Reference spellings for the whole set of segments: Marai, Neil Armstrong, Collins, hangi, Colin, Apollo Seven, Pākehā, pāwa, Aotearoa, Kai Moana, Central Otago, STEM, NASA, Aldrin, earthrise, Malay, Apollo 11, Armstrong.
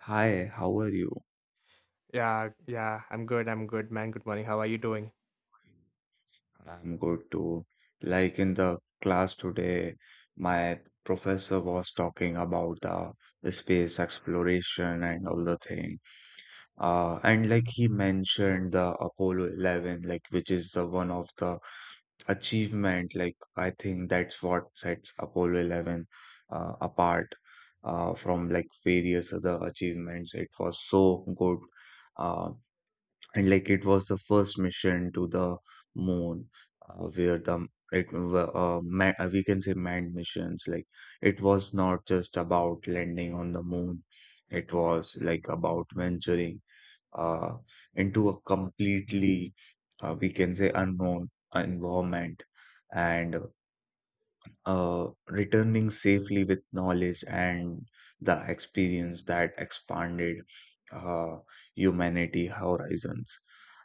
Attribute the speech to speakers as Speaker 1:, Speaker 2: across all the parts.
Speaker 1: Hi, how are you?
Speaker 2: Yeah, yeah, I'm good. I'm good, man. Good morning. How are you doing?
Speaker 1: I'm good too. Like in the class today, my professor was talking about the space exploration and all the thing. And like he mentioned the Apollo 11, like which is the one of the achievement. Like I think that's what sets Apollo 11 apart from like various other achievements. It was so good. Uh, and like it was the first mission to the moon where the it wa- man, we can say manned missions, like it was not just about landing on the moon, it was like about venturing uh, into a completely we can say unknown environment, and returning safely with knowledge and the experience that expanded uh, humanity horizons.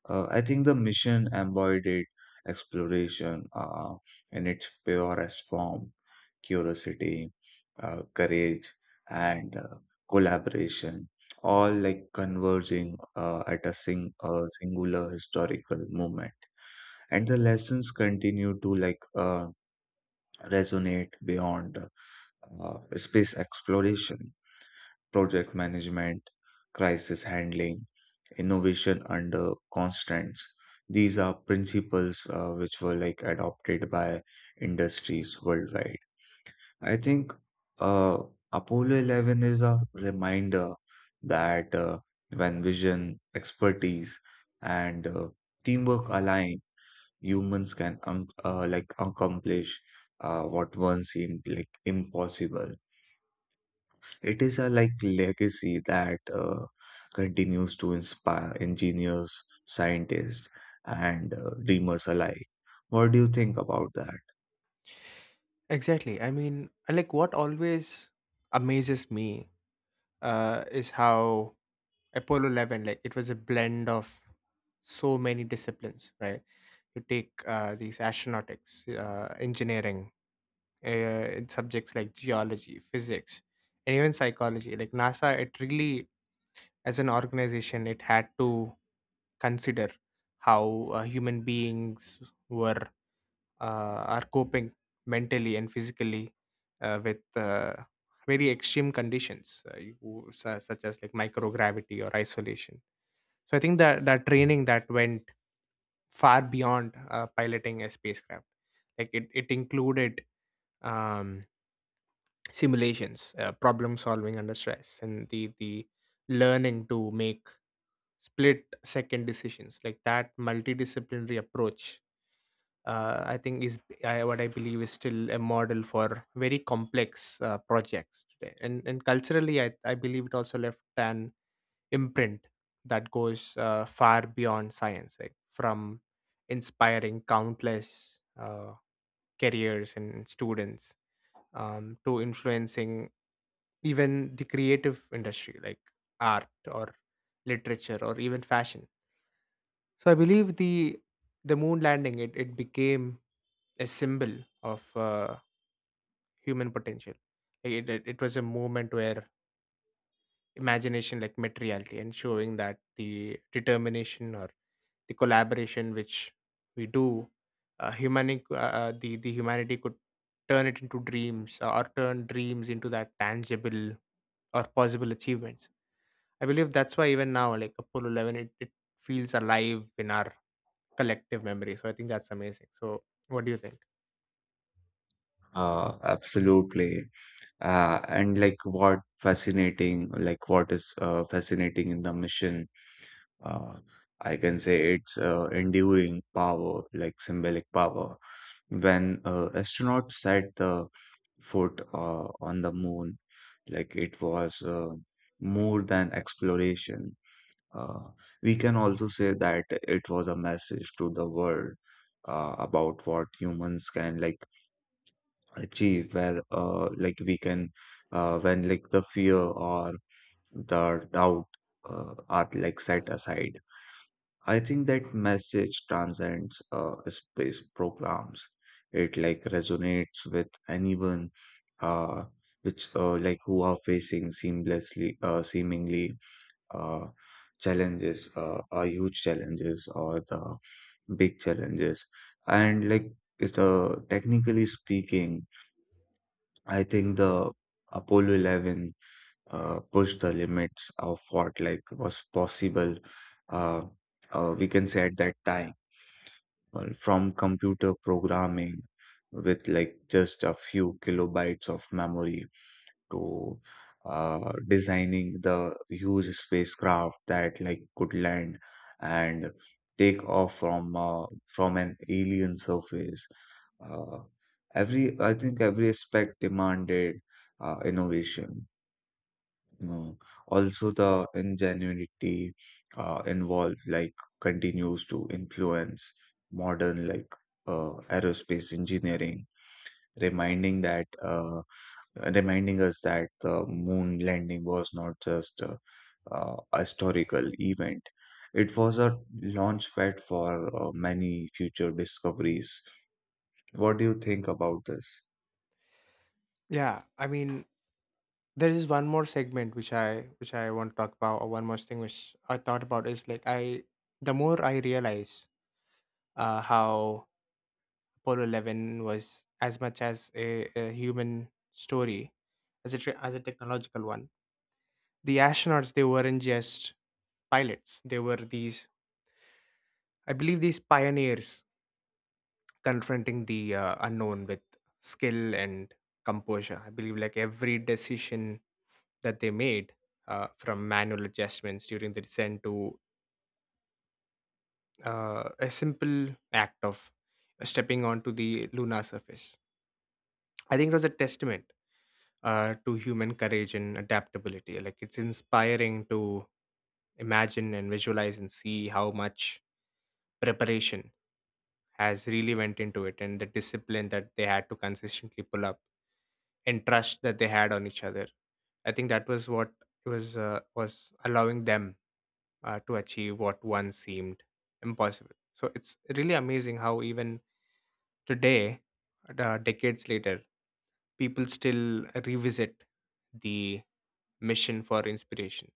Speaker 1: I think the mission embodied exploration in its purest form, curiosity, courage, and collaboration, all like converging at a singular historical moment. And the lessons continue to like resonate beyond space exploration, project management, crisis handling, innovation under constraints. These are principles which were like adopted by industries worldwide. I think uh, Apollo 11 is a reminder that when vision, expertise, and teamwork align, humans can like accomplish what once seemed like impossible. It is a like legacy that continues to inspire engineers, scientists, and dreamers alike. What do you think about that?
Speaker 2: Exactly. I mean, and, like what always amazes me is how Apollo 11, like it was a blend of so many disciplines, right? You take these astronautics, engineering, in subjects like geology, physics, and even psychology. Like NASA, it really, as an organization, it had to consider how human beings were are coping mentally and physically with very extreme conditions, such as like microgravity or isolation. So I think that training that went far beyond piloting a spacecraft. Like it included, um, simulations, problem solving under stress, and the learning to make split second decisions. Like that multidisciplinary approach, I think is, what I believe is still a model for very complex projects today. And culturally, I believe it also left an imprint that goes far beyond science, like from inspiring countless careers and students, to influencing even the creative industry like art or literature or even fashion. So I believe the moon landing, it became a symbol of human potential. Like, it was a moment where imagination like met reality, and showing that the determination or the collaboration which we do, the humanity could turn it into dreams, or turn dreams into that tangible or possible achievements. I believe that's why even now, like Apollo 11, it feels alive in our collective memory. So I think that's amazing. So what do you think?
Speaker 1: Absolutely. And like what fascinating, like what is fascinating in the mission, uh, I can say it's enduring power, like symbolic power. When astronauts set the foot on the moon, like it was more than exploration. Uh, we can also say that it was a message to the world about what humans can like achieve, where like we can when like the fear or the doubt are like set aside. I think that message transcends space programs. It like resonates with anyone uh, which like who are facing seamlessly seemingly uh, challenges huge challenges, or the big challenges, and like is the technically speaking. I think the Apollo 11 pushed the limits of what like was possible. Uh, we can say at that time, well, from computer programming with like just a few kilobytes of memory to designing the huge spacecraft that like could land and take off from from an alien surface. Uh, every I think every aspect demanded innovation. You know, also the ingenuity involved like continues to influence modern like aerospace engineering, reminding that. Uh, reminding us that the moon landing was not just a historical event. It was a launchpad for many future discoveries. What do you think about this?
Speaker 2: Yeah, I mean, there is one more segment which I want to talk about, or one more thing which I thought about is like I the more I realize how Apollo 11 was as much as a human story as as a technological one. The astronauts, they weren't just pilots, they were these, I believe, these pioneers confronting the unknown with skill and composure. I believe like every decision that they made, from manual adjustments during the descent to a simple act of stepping onto the lunar surface, I think it was a testament to human courage and adaptability. Like it's inspiring to imagine and visualize and see how much preparation has really went into it, and the discipline that they had to consistently pull up and trust that they had on each other. I think that was what was allowing them to achieve what once seemed impossible. So it's really amazing how even today, decades later, people still revisit the mission for inspiration,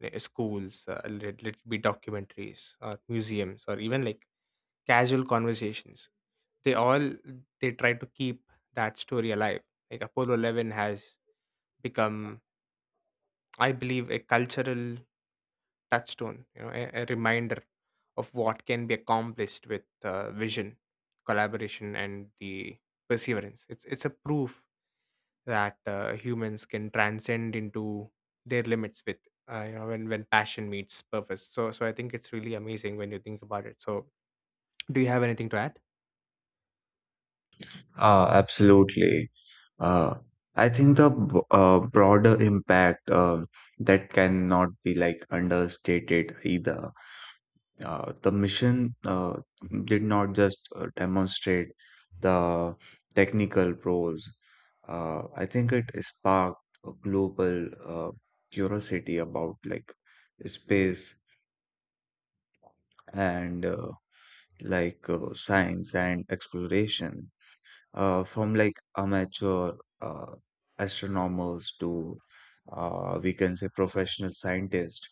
Speaker 2: like, schools, let it be documentaries or museums or even like casual conversations. They all they try to keep that story alive. Like Apollo 11 has become, I believe, a cultural touchstone, you know, a reminder of what can be accomplished with vision, collaboration, and the perseverance. It's a proof that humans can transcend into their limits with, you know, when passion meets purpose. So I think it's really amazing when you think about it. So do you have anything to add?
Speaker 1: Absolutely. Uh, I think the broader impact that cannot be like understated either. The mission did not just demonstrate the technical pros. I think it sparked a global curiosity about like space and like science and exploration from like amateur uh, astronomers to we can say professional scientists.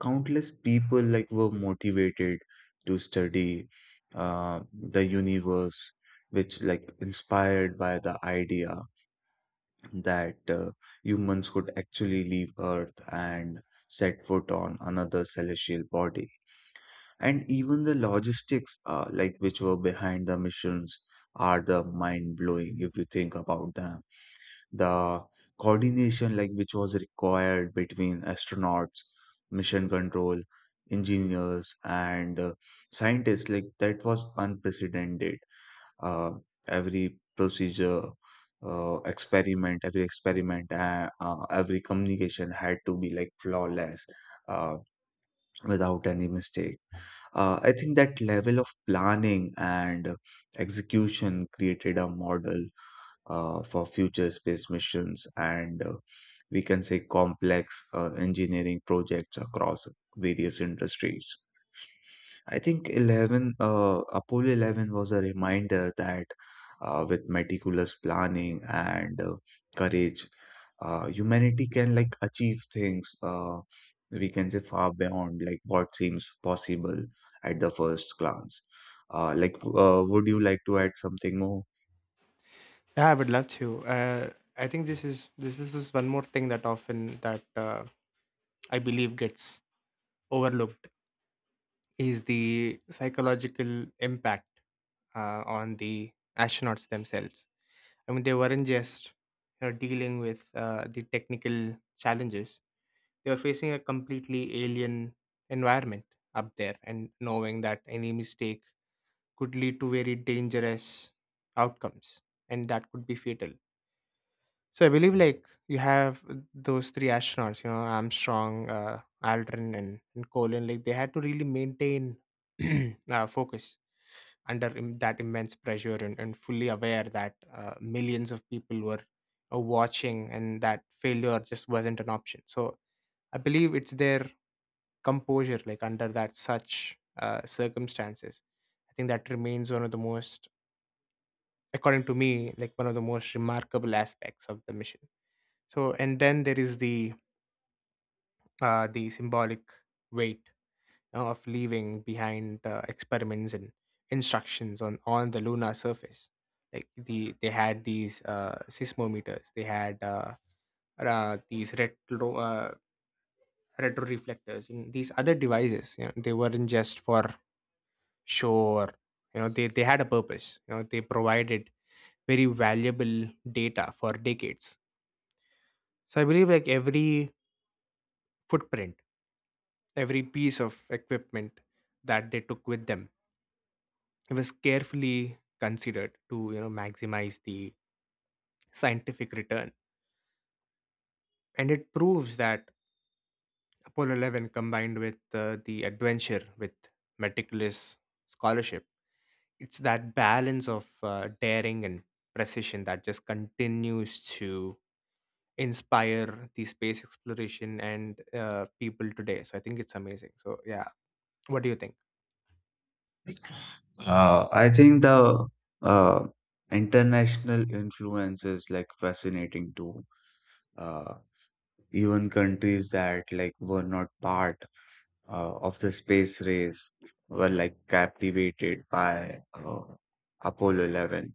Speaker 1: Countless people like were motivated to study uh, the universe, which like inspired by the idea that humans could actually leave earth and set foot on another celestial body. And even the logistics like which were behind the missions are the mind blowing if you think about them. The coordination like which was required between astronauts, mission control, engineers, and scientists, like that was unprecedented. Uh, every procedure experiment every communication had to be like flawless uh, without any mistake. I think that level of planning and execution created a model for future space missions and we can say complex engineering projects across various industries. I think Apollo 11 was a reminder that with meticulous planning and courage, humanity can like achieve things we can say far beyond like what seems possible at the first glance. Would you like to add something more?
Speaker 2: Yeah, I would love to. Uh, I think this is just one more thing that often, that I believe, gets overlooked, is the psychological impact on the astronauts themselves. I mean, they weren't just, you know, dealing with the technical challenges; they were facing a completely alien environment up there, and knowing that any mistake could lead to very dangerous outcomes, and that could be fatal. So I believe like you have those three astronauts, you know, Armstrong, Aldrin, and Colin. Like they had to really maintain focus under that immense pressure, and fully aware that millions of people were watching, and that failure just wasn't an option. So I believe it's their composure, like under that such circumstances. I think that remains one of the most, according to me, like one of the most remarkable aspects of the mission. So and then there is the, the symbolic weight, you know, of leaving behind experiments and instructions on the lunar surface. Like they had these seismometers, they had, these retroreflectors, and these other devices. You know, they weren't just for show, or, you know, they had a purpose. You know, they provided very valuable data for decades. So I believe like every footprint, every piece of equipment that they took with them was carefully considered to, you know, maximize the scientific return. And it proves that Apollo 11 combined with the adventure with meticulous scholarship. It's that balance of daring and precision that just continues to inspire the space exploration, and people today. So I think it's amazing. So, yeah, what do you think?
Speaker 1: I think the uh, international influence is like fascinating too. Uh, even countries that like were not part of the space race were like captivated by Apollo 11.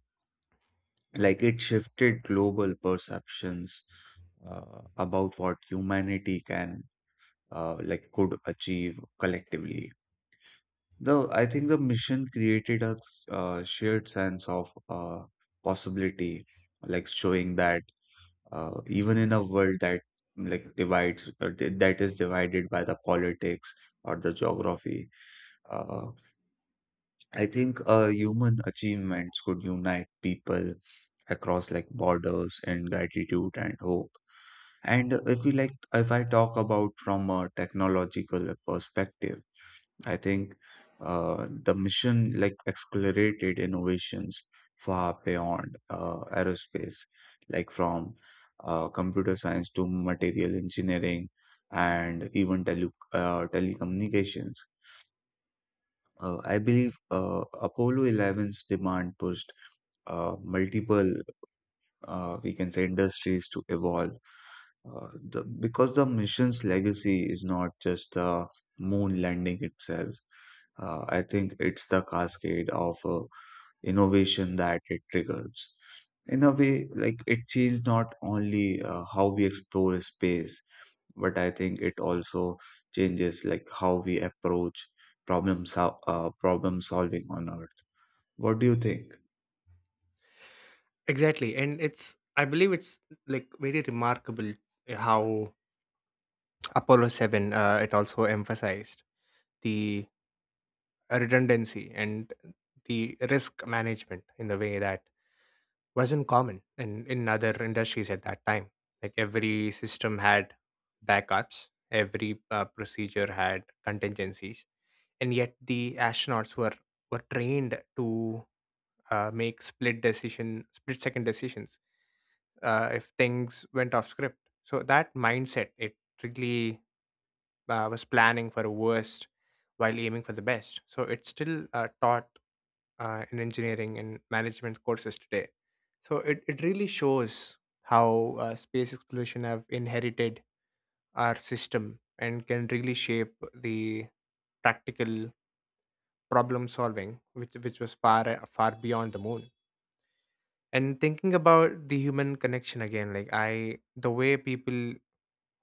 Speaker 1: Like it shifted global perceptions about what humanity can like could achieve collectively. The I think the mission created a shared sense of possibility, like showing that even in a world that like divides, or that is divided by the politics or the geography, uh, I think human achievements could unite people across like borders in gratitude and hope. And if we like, if I talk about from a technological perspective, I think the mission like accelerated innovations far beyond aerospace, like from computer science to material engineering, and even telecommunications. I believe Apollo 11's demand pushed multiple, we can say, industries to evolve. Because the mission's legacy is not just the moon landing itself. I think it's the cascade of innovation that it triggers. In a way, like it changed not only how we explore space, but I think it also changes like how we approach problem solving on Earth. What do you think?
Speaker 2: Exactly, and it's, I believe, it's like very remarkable, how Apollo 7, it also emphasized the redundancy and the risk management in a way that wasn't common in other industries at that time. Like every system had backups, every procedure had contingencies, and yet the astronauts were trained to make split second decisions if things went off script. So that mindset, it really was planning for a worst while aiming for the best. So it's still taught in engineering and management courses today. So it really shows how space exploration have inherited our system and can really shape the practical problem solving, which was far beyond the moon. And thinking about the human connection again, like the way people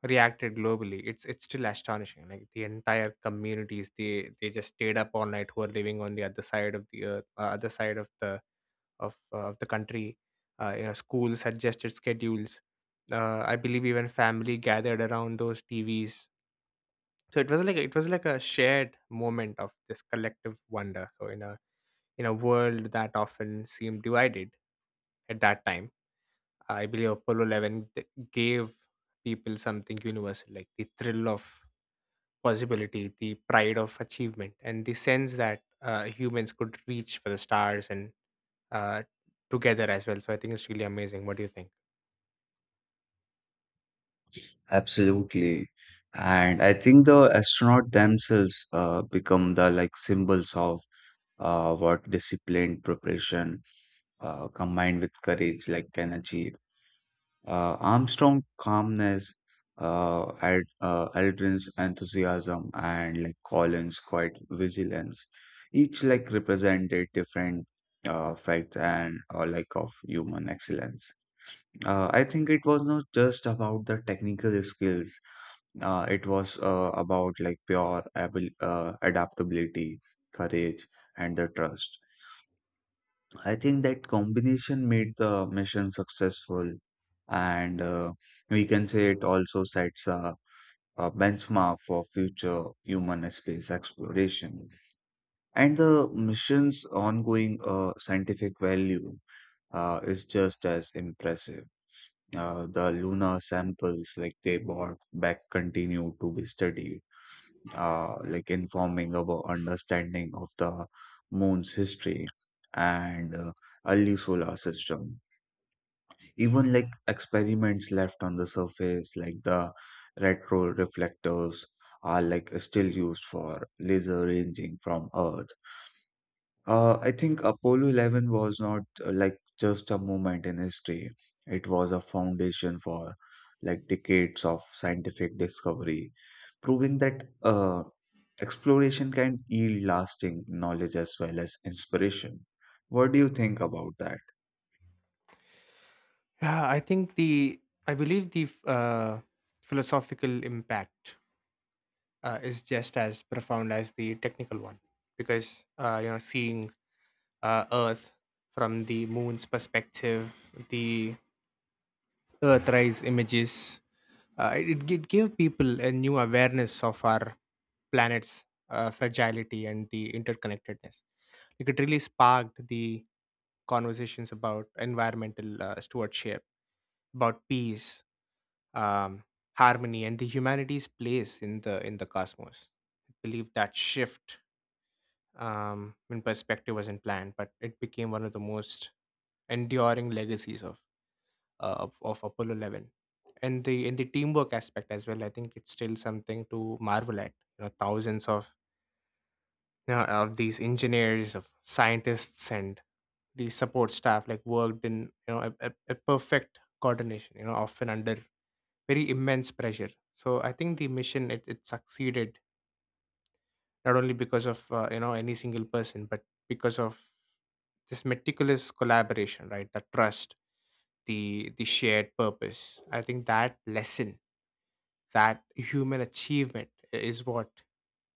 Speaker 2: reacted globally. It's still astonishing. Like the entire communities, they just stayed up all night, who are living on the other side of the earth, other side of the country. Schools adjusted schedules. I believe even family gathered around those TVs. So it was like a shared moment of this collective wonder. So in a world that often seemed divided at that time, I believe Apollo 11 gave people something universal, like the thrill of possibility, the pride of achievement, and the sense that humans could reach for the stars and, uh, together as well. So I think it's really amazing. What do you think?
Speaker 1: Absolutely. And I think the astronaut themselves become the like symbols of what disciplined preparation combined with courage like can achieve. Armstrong calmness, Aldrin's enthusiasm, and like Collins' quiet vigilance, each like represented different facts and like of human excellence. I think it was not just about the technical skills. It was about like adaptability, courage, and the trust. I think that combination made the mission successful, and we can say it also sets a benchmark for future human space exploration. And the mission's ongoing scientific value is just as impressive. The lunar samples, like they brought back, continue to be studied, like informing our understanding of the moon's history and early solar system. Even like experiments left on the surface, like the retro reflectors, are like still used for laser ranging from earth. I think Apollo 11 was not like just a moment in history. It was a foundation for like decades of scientific discovery, proving that exploration can yield lasting knowledge as well as inspiration. What do you think about that?
Speaker 2: Yeah, I think the I believe the philosophical impact is just as profound as the technical one, because you know, seeing Earth from the moon's perspective, the earthrise images, it gave people a new awareness of our planet's fragility and the interconnectedness. Like it really sparked the conversations about environmental stewardship, about peace, um, harmony, and the humanity's place in the cosmos. I believe that shift, in perspective, wasn't planned, but it became one of the most enduring legacies of Apollo 11. And the teamwork aspect as well, I think it's still something to marvel at. You know, thousands of, you know, of these engineers, of scientists, and the support staff, like worked in, you know, a perfect coordination, you know, often under very immense pressure. So I think the mission, it succeeded not only because of, you know, any single person, but because of this meticulous collaboration, right, the trust, the shared purpose. I think that lesson, that human achievement, is what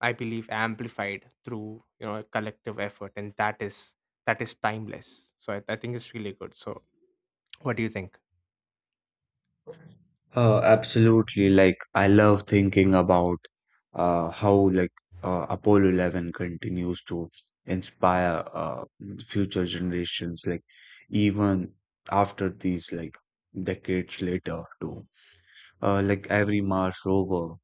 Speaker 2: I believe amplified through, you know, a collective effort, and that is timeless. So I think it's really good. So what do you think?
Speaker 1: Absolutely. Like I love thinking about how like Apollo 11 continues to inspire future generations, like even after these like decades later too. Like every Mars rover,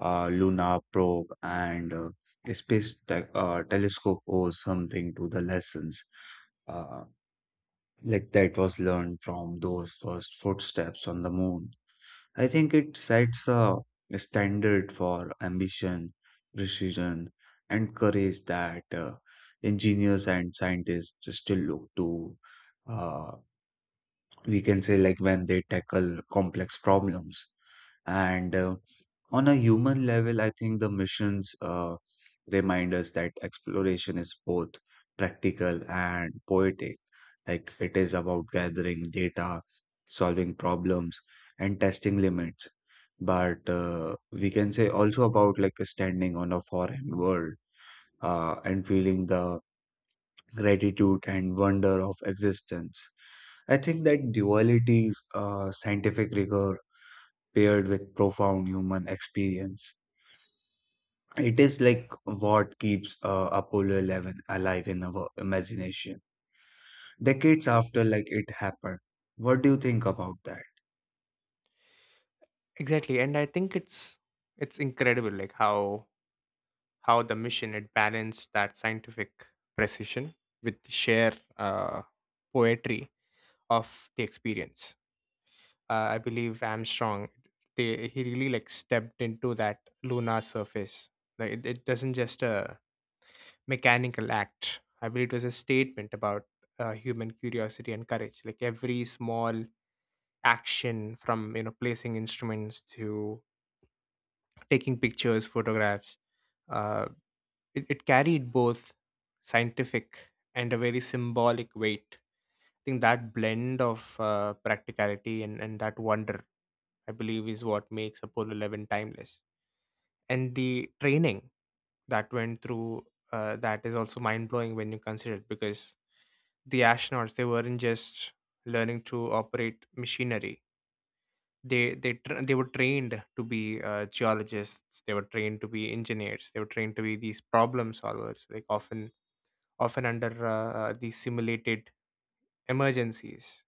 Speaker 1: lunar probe, and space telescope owes something to the lessons uh, like that was learned from those first footsteps on the moon. I think it sets a standard for ambition, precision, and courage that engineers and scientists still look to. Uh, we can say, like, when they tackle complex problems. And on a human level, I think the missions remind us that exploration is both practical and poetic. Like it is about gathering data, solving problems, and testing limits. But we can say also about like standing on a foreign world and feeling the gratitude and wonder of existence. I think that duality, scientific rigor paired with profound human experience, it is like what keeps Apollo 11 alive in our imagination decades after like it happened. What do you think about that?
Speaker 2: Exactly, and I think it's incredible, like how the mission it balanced that scientific precision with the sheer poetry of the experience. I believe Armstrong, he really like stepped into that lunar surface. Like it doesn't just a mechanical act. I believe it was a statement about human curiosity and courage. Like every small action from, you know, placing instruments to taking pictures, photographs, uh, it carried both scientific and a very symbolic weight. I think that blend of practicality and that wonder, I believe, is what makes Apollo 11 timeless. And the training that went through, that is also mind blowing when you consider it, because the astronauts, they weren't just learning to operate machinery. They were trained to be geologists. They were trained to be engineers. They were trained to be these problem solvers. Like often under these simulated emergencies.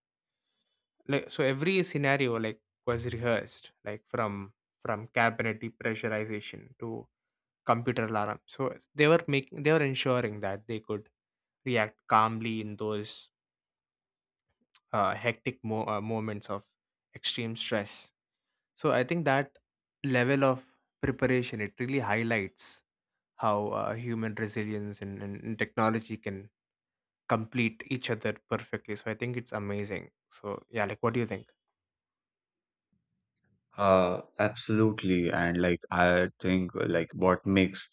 Speaker 2: Like so, every scenario like was rehearsed, like from cabinet depressurization to computer alarm. So they were ensuring that they could react calmly in those hectic moments of extreme stress. So I think that level of preparation it really highlights how human resilience, and technology can complete each other perfectly. So I think it's amazing. So yeah, like what do you think?
Speaker 1: Absolutely. And like, I think like what makes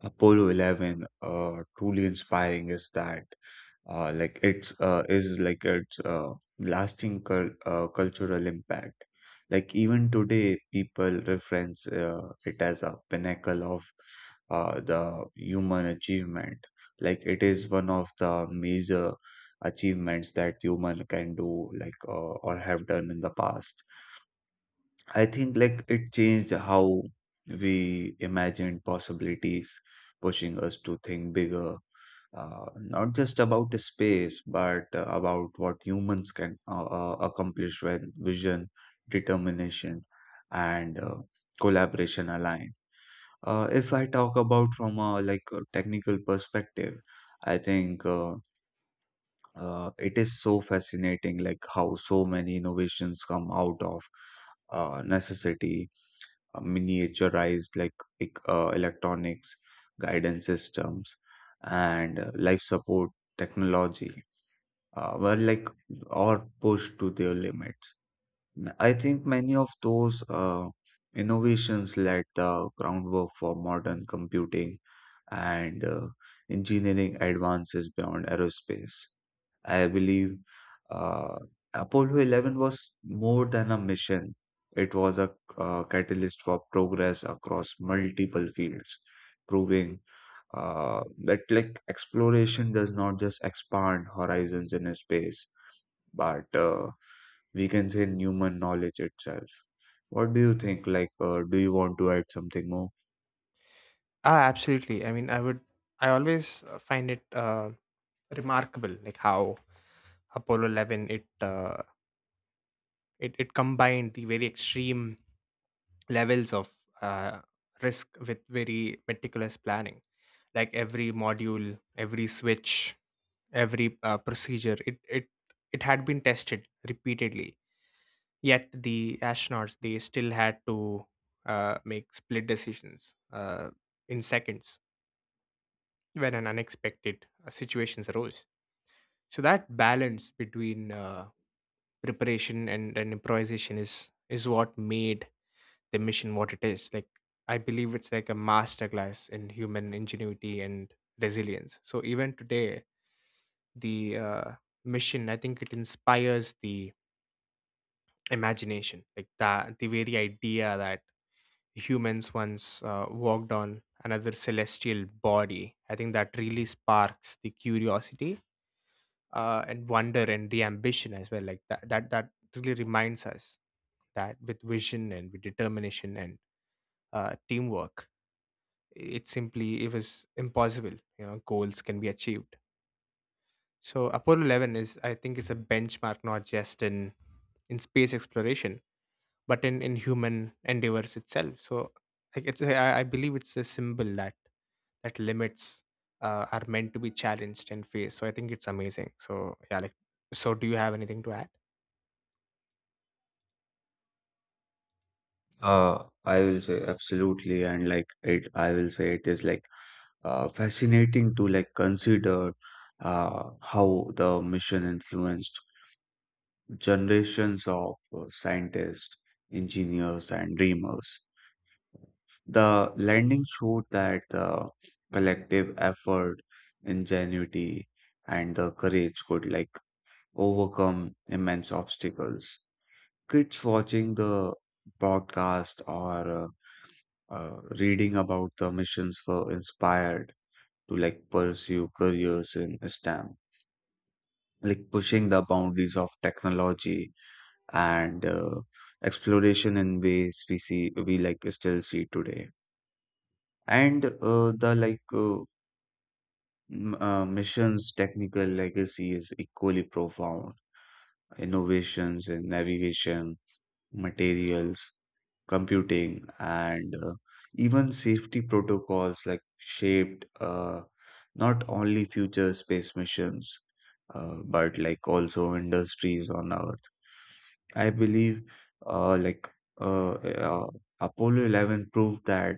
Speaker 1: Apollo 11 truly inspiring is that. Like it's is like its lasting cultural impact. Like even today, people reference it as a pinnacle of the human achievement. Like it is one of the major achievements that human can do, like or have done in the past. I think like it changed how we imagined possibilities, pushing us to think bigger, not just about the space, but about what humans can accomplish when vision, determination, and collaboration align. If I talk about from a like a technical perspective, I think it is so fascinating, like how so many innovations come out of necessity, miniaturized like electronics, guidance systems, and life support technology were like or pushed to their limits. I think many of those innovations laid the groundwork for modern computing and engineering advances beyond aerospace. I believe uh, Apollo 11 was more than a mission. It was a catalyst for progress across multiple fields, proving that like exploration does not just expand horizons in space, but we can say in human knowledge itself. What do you think? Do you want to add something more?
Speaker 2: Ah, absolutely. I mean, I would. I always find it remarkable, like how Apollo 11 it combined the very extreme levels of, uh, risk with very meticulous planning. Like every module, every switch, every procedure, it had been tested repeatedly. Yet the astronauts, they still had to make split decisions in seconds, when an unexpected situations arose. So that balance between preparation and improvisation is what made the mission what it is. Like I believe it's like a masterclass in human ingenuity and resilience. So even today, the, mission, I think it inspires the imagination. Like that the very idea that humans once walked on another celestial body. I think that really sparks the curiosity and wonder and the ambition as well. Like that really reminds us that with vision, and with determination, and teamwork, it was impossible. You know, goals can be achieved. So Apollo 11 is, I think, it's a benchmark not just in space exploration, but in human endeavors itself. So like it's, I believe it's a symbol that limits, are meant to be challenged and faced. So I think it's amazing. So yeah, like, so do you have anything to add?
Speaker 1: I will say absolutely, and like it, I will say it is like fascinating to like consider how the mission influenced generations of scientists, engineers, and dreamers. The landing showed that the collective effort, ingenuity, and the courage could like overcome immense obstacles. Kids watching the broadcast or reading about the missions were inspired to like pursue careers in STEM, like pushing the boundaries of technology and exploration in ways we like still see today. And the mission's technical legacy is equally profound. Innovations in navigation, materials, computing, and even safety protocols like shaped not only future space missions but like also industries on earth. I believe uh, like uh, uh, Apollo 11 proved that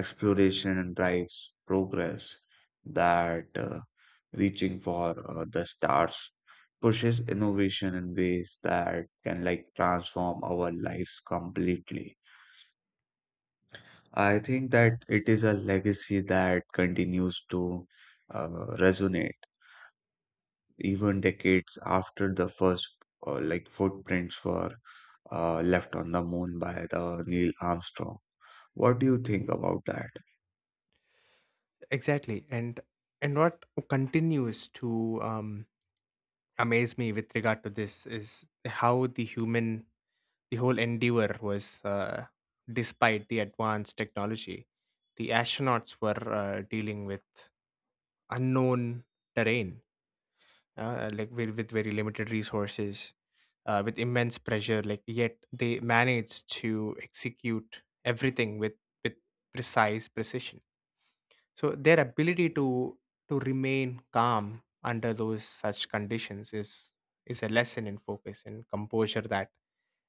Speaker 1: exploration drives progress, that reaching for the stars pushes innovation in ways that can like transform our lives completely. I think that it is a legacy that continues to uh, resonate even decades after the first like footprints were left on the moon by the Neil Armstrong. What do you think about that?
Speaker 2: Exactly, and what continues to amaze me with regard to this is how the whole endeavor was, despite the advanced technology, the astronauts were dealing with unknown terrain, like with very limited resources, with immense pressure. Like yet they manage to execute everything with with precise precision. So their ability to remain calm under those such conditions is a lesson in focus and composure that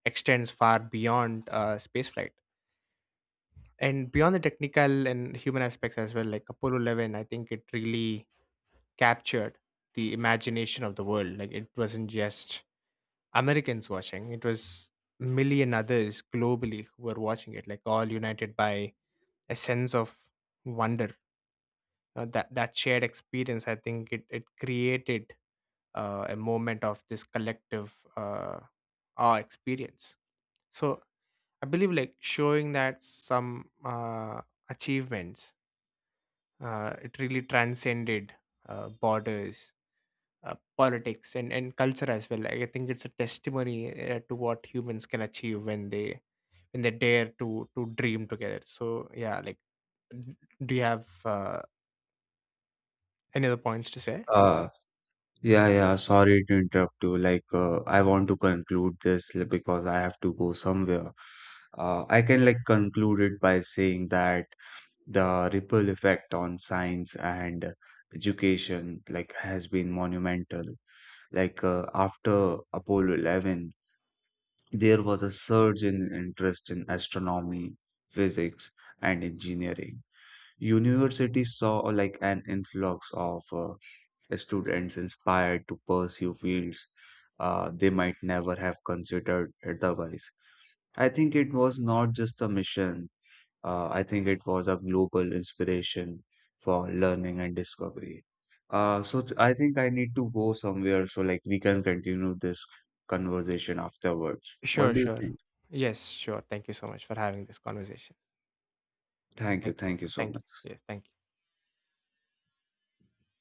Speaker 2: extends far beyond space flight, and beyond the technical and human aspects as well. Like Apollo 11, I think it really captured the imagination of the world. Like it wasn't just Americans watching. It was million others globally who were watching it, like all united by a sense of wonder. That shared experience, I think it created a moment of this collective, awe experience. So I believe like showing that some achievements, it really transcended borders, politics, and culture as well. Like, I think it's a testimony to what humans can achieve, when they dare to dream together. So yeah, like, d- do you have any other points to say?
Speaker 1: Uh, Yeah, yeah, sorry to interrupt you. I want to conclude this because I have to go somewhere. I can like conclude it by saying that the ripple effect on science and education like has been monumental. After Apollo 11, there was a surge in interest in astronomy, physics, and engineering. Universities saw like an influx of students inspired to pursue fields they might never have considered otherwise. I think it was not just a mission, I think it was a global inspiration for learning and discovery. So I think I need to go somewhere, so like we can continue this conversation afterwards.
Speaker 2: Sure,
Speaker 1: What do you
Speaker 2: sure.
Speaker 1: think?
Speaker 2: Yes, sure. Thank you so much for having this conversation.
Speaker 1: Thank you.
Speaker 2: Thank you.
Speaker 1: Thank you so
Speaker 2: Thank
Speaker 1: much.
Speaker 2: you. Yes, thank you.